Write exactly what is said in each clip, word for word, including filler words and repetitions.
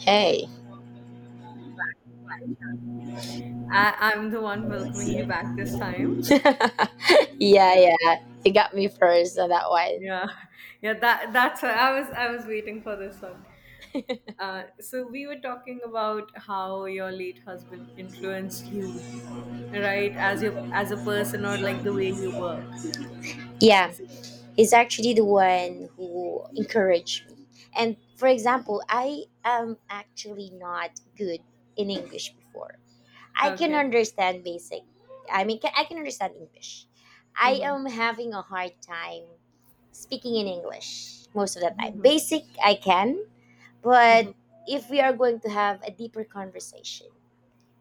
Hey. I, I'm the one welcoming you back this time. Yeah, Yeah, yeah. He got me first on that one. yeah, yeah. That that's I was I was waiting for this one. Uh, so we were talking about how your late husband influenced you, right? As your as a person, or like the way you work. Yeah, Is it- he's actually the one who encouraged me. And for example, I am actually not good in English before. I can Okay. understand basic. I mean, ca- I can understand English. I Mm-hmm. am having a hard time speaking in English most of the time. Mm-hmm. Basic, I can, Mm-hmm. but if we are going to have a deeper conversation,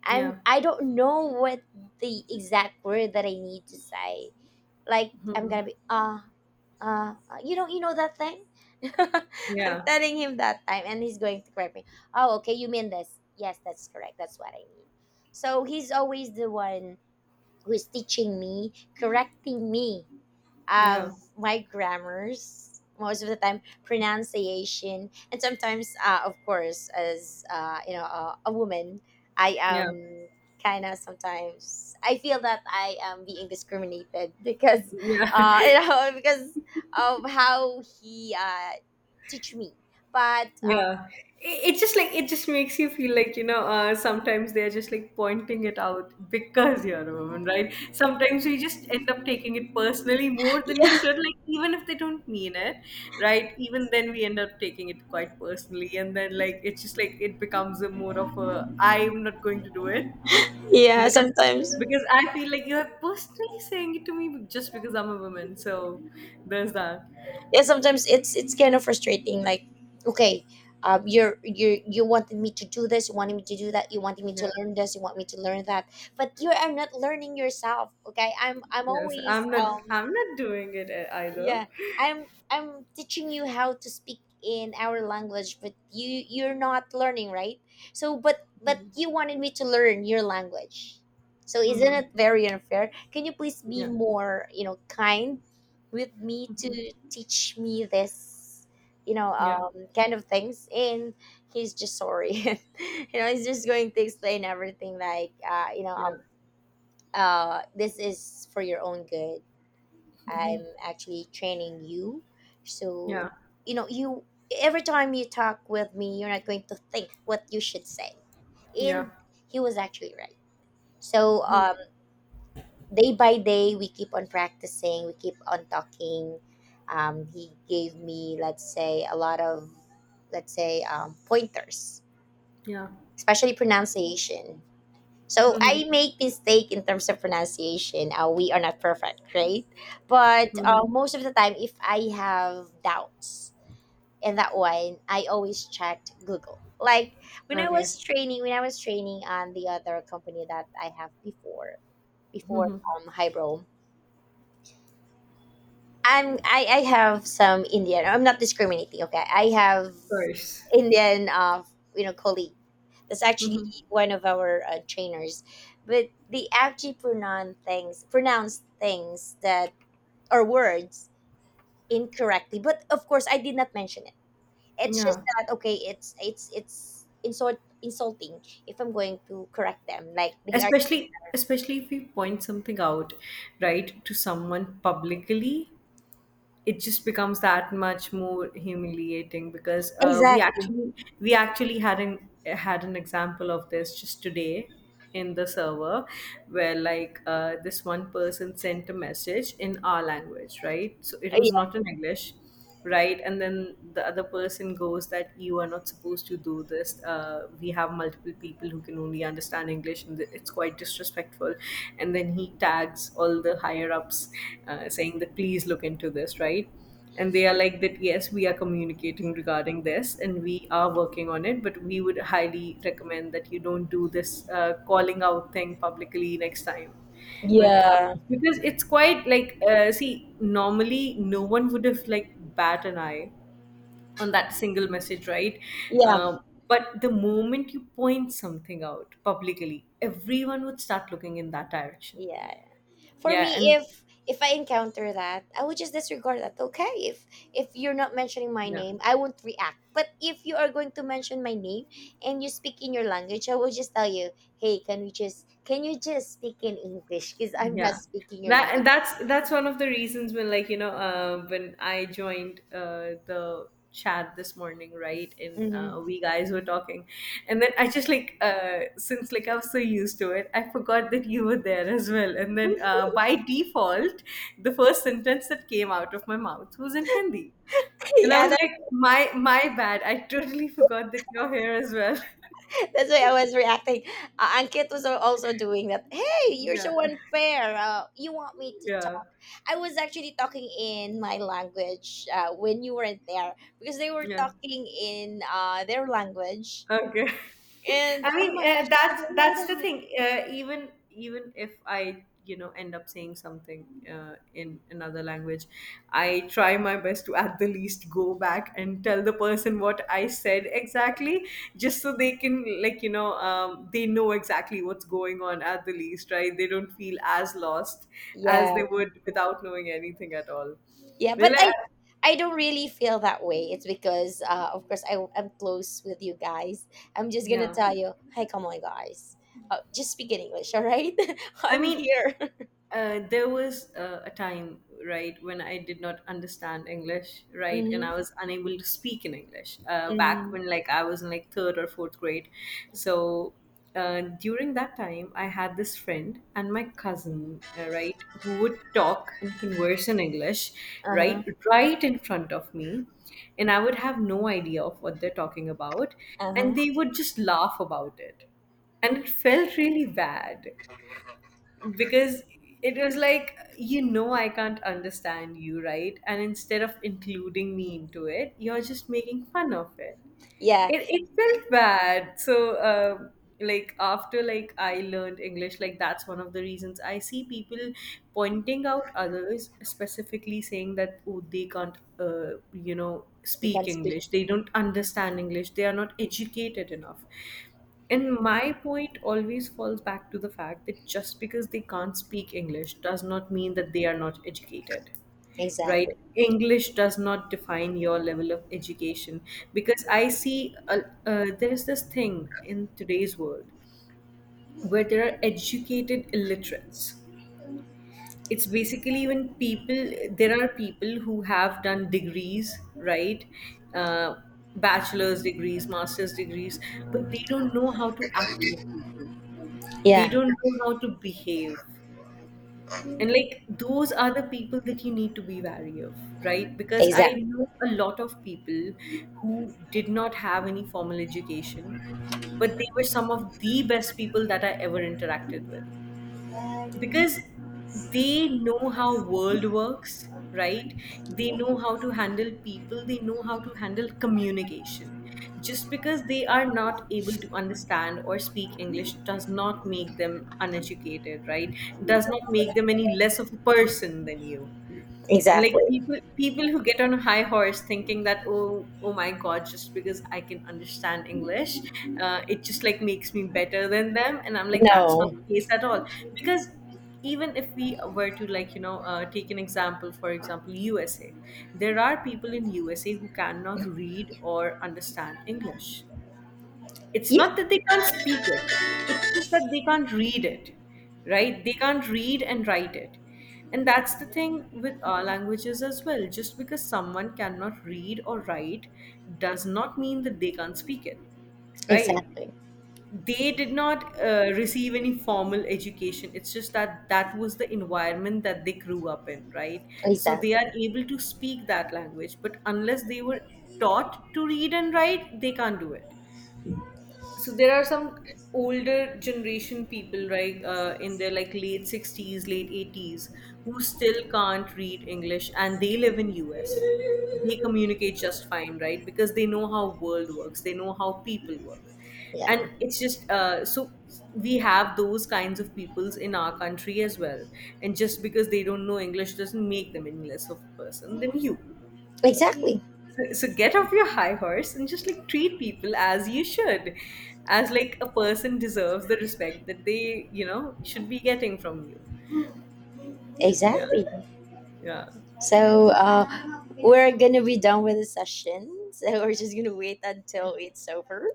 I'm Yeah. I don't know what the exact word that I need to say. Like I'm Mm-hmm. gonna be ah, uh uh," you know you know that thing? I'm Yeah. telling him that time and he's going to correct me. Oh okay, you mean this. Yes, that's correct. That's what I mean. So he's always the one who is teaching me, correcting me Yeah. of my grammars most of the time, pronunciation, and sometimes, uh, of course, as uh, you know, a, a woman I Yeah. am, kind of sometimes I feel that I am being discriminated because Yeah. uh, you know, because of how he, uh, teach me, but um, Yeah, it, it just like it just makes you feel like, you know uh, sometimes they're just like pointing it out because you're a woman, right? Sometimes we just end up taking it personally more than we should, like, even if they don't mean it, right? Even then we end up taking it quite personally, and then like it's just like it becomes a more of a, I'm not going to do it, yeah, because sometimes because I feel like you're personally saying it to me just because I'm a woman. So there's that. yeah, sometimes it's it's kind of frustrating. Like, okay, um, you're you you wanted me to do this, you wanted me to do that, you wanted me Yeah. to learn this, you want me to learn that, but you are not learning yourself. Okay, i'm i'm Yes, always I'm not. um, I'm not doing it e- either. yeah, i'm I'm teaching you how to speak in our language, but you you're not learning, right? So but but Mhm. you wanted me to learn your language. So isn't Mhm. it very unfair? Can you please be Yeah. more, you know, kind with me to Mhm. teach me this, you know, Yeah. um, kind of things. And he's just, sorry, you know, he's just going to explain everything, like, uh you know, Yeah. um uh this is for your own good. I'm actually training you. Yeah. So, you know, you, every time you talk with me, you're not going to think what you should say. Yeah. And he was actually right. So, Mhm. um, day by day, we keep on practicing, we keep on talking. Um, he gave me, let's say, a lot of, let's say, um, pointers, Yeah. especially pronunciation. So Mhm. I make mistake in terms of pronunciation. Uh, we are not perfect, right? But Mhm. uh, most of the time, if I have doubts in that one, I always checked Google. Like when I Okay. Of was training, when I was training on the other company that I have before, before um Hybro, I'm I, I have some Indian. I'm not discriminating. Okay, I have course. Indian uh you know, colleagues. It's actually Mhm. one of our uh, trainers, but they actually pronounce things, pronounce things that are words incorrectly. But of course, I did not mention it. It's just Yeah. that, okay, it's it's it's insult insulting if I'm going to correct them. Like they are Especially especially if we point something out, right, to someone publicly, it just becomes that much more humiliating, because uh, we exactly. actually we actually had an had an example of this just today in the server, where like uh, this one person sent a message in our language, right? So it was not Yeah, in English. Right, and then the other person goes that you are not supposed to do this, uh, we have multiple people who can only understand English, and it's quite disrespectful. And then he tags all the higher ups, uh, saying that please look into this, right? And they are like that, yes, we are communicating regarding this, and we are working on it, but we would highly recommend that you don't do this uh, calling out thing publicly next time when it yeah, happens, because it's quite like, uh, see, normally no one would have like bat an eye on that single message, right? yeah, um, but the moment you point something out publicly, everyone would start looking in that direction. yeah. For Yeah, me, and if if I encounter that, I would just disregard that. Okay, if if you're not mentioning my yeah, name, I won't react. But if you are going to mention my name and you speak in your language, I will just tell you, hey, can we just can you just speak in English, because I'm not yeah. speaking your That and language. that's that's one of the reasons. When like, you know uh, when I joined uh, the chat this morning, right? And Hmm. uh, we guys were talking, and then I just like, uh, since like I was so used to it, I forgot that you were there as well. And then uh, by default, the first sentence that came out of my mouth was in Hindi. And I was Yeah, like, my my bad, I totally forgot that you're here as well. that's why I was reacting. Uh, Ankit was al- also doing that. Hey, you're Yeah, so unfair. Uh, you want me to yeah, talk? I was actually talking in my language, uh, when you weren't there, because they were yeah. talking in, uh, their language. Okay. And I oh mean, my gosh, uh, I that's don't know that's the that. thing. Uh, even even if I, you know, end up saying something uh, in another language, I try my best to at the least go back and tell the person what I said exactly, just so they can, like, you know, um, they know exactly what's going on at the least, right? They don't feel as lost as Yeah, they would without knowing anything at all. yeah, but Really, I, I- I don't really feel that way. It's because, uh, of course, I, I'm close with you guys. I'm just gonna yeah. tell you, hey, come on, guys. Uh, just speak in English, all right? I I'm mean, here. uh, there was uh, a time, right, when I did not understand English, right, and I was unable to speak in English. Uh, back Mm-hmm. when, like, I was in like third or fourth grade, so uh, during that time, I had this friend and my cousin, uh, right, who would talk and converse in English, right, Uh-huh. right in front of me, and I would have no idea of what they're talking about, Uh-huh. and they would just laugh about it, and it felt really bad, because it was like, you know I can't understand you, right? And instead of including me into it, you're just making fun of it. Yeah, It, it felt bad. So um, like, after like I learned English, like, that's one of the reasons I see people pointing out others, specifically saying that, oh, they can't uh, you know you speak can speak. English, they don't understand English, they are not educated enough. And my point always falls back to the fact that just because they can't speak English does not mean that they are not educated, right? Exactly. English does not define your level of education. Because I see, uh, uh, there is this thing in today's world, where there are educated illiterates. It's basically when people there are people who have done degrees, right? uh, Bachelor's degrees, master's degrees, but they don't know how to act with people, they Yeah, don't know how to behave. And like, those are the people that you need to be wary of, right? Because I exactly. know a lot of people who did not have any formal education, but they were some of the best people that I ever interacted with, because they know how world works, right? They know how to handle people, they know how to handle communication. Just because they are not able to understand or speak English does not make them uneducated, right? Does not make them any less of a person than you. And like, Exactly. people people who get on a high horse thinking that, oh, oh my god, just because I can understand English, uh, it just like makes me better than them, and I'm like, that's not No. the case at all. Because even if we were to, like, you know uh, take an example, for example, USA. There are people in USA who cannot read or understand English. It's Yeah, not that they can't speak it, it's just that they can't read it, right? They can't read and write it. And that's the thing with our languages as well. Just because someone cannot read or write does not mean that they can't speak it, right? exactly. They did not uh, receive any formal education. It's just that that was the environment that they grew up in, right? So they Exactly. are able to speak that language, but unless they were taught to read and write, they can't do it. So there are some older generation people, right, uh, in their like late sixties, late eighties, who still can't read English and they live in US. They communicate just fine, right? Because they know how world works, they know how people work. And Yeah. it's just, uh, so we have those kinds of peoples in our country as well. And just because they don't know English doesn't make them any less of a person than you. Exactly. So, so get off your high horse and just like treat people as you should, as like a person deserves the respect that they, you know, should be getting from you. Yeah, Exactly. yeah. So, uh we're gonna be done with the session. So we're just gonna wait until it's over.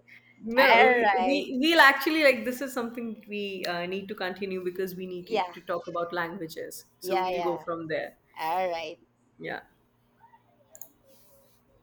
No, All we right. we- we'll actually like, this is something that we uh, need to continue, because we need to Yeah. to talk about languages. So Yeah, we'll go yeah. from there. All right. Yeah.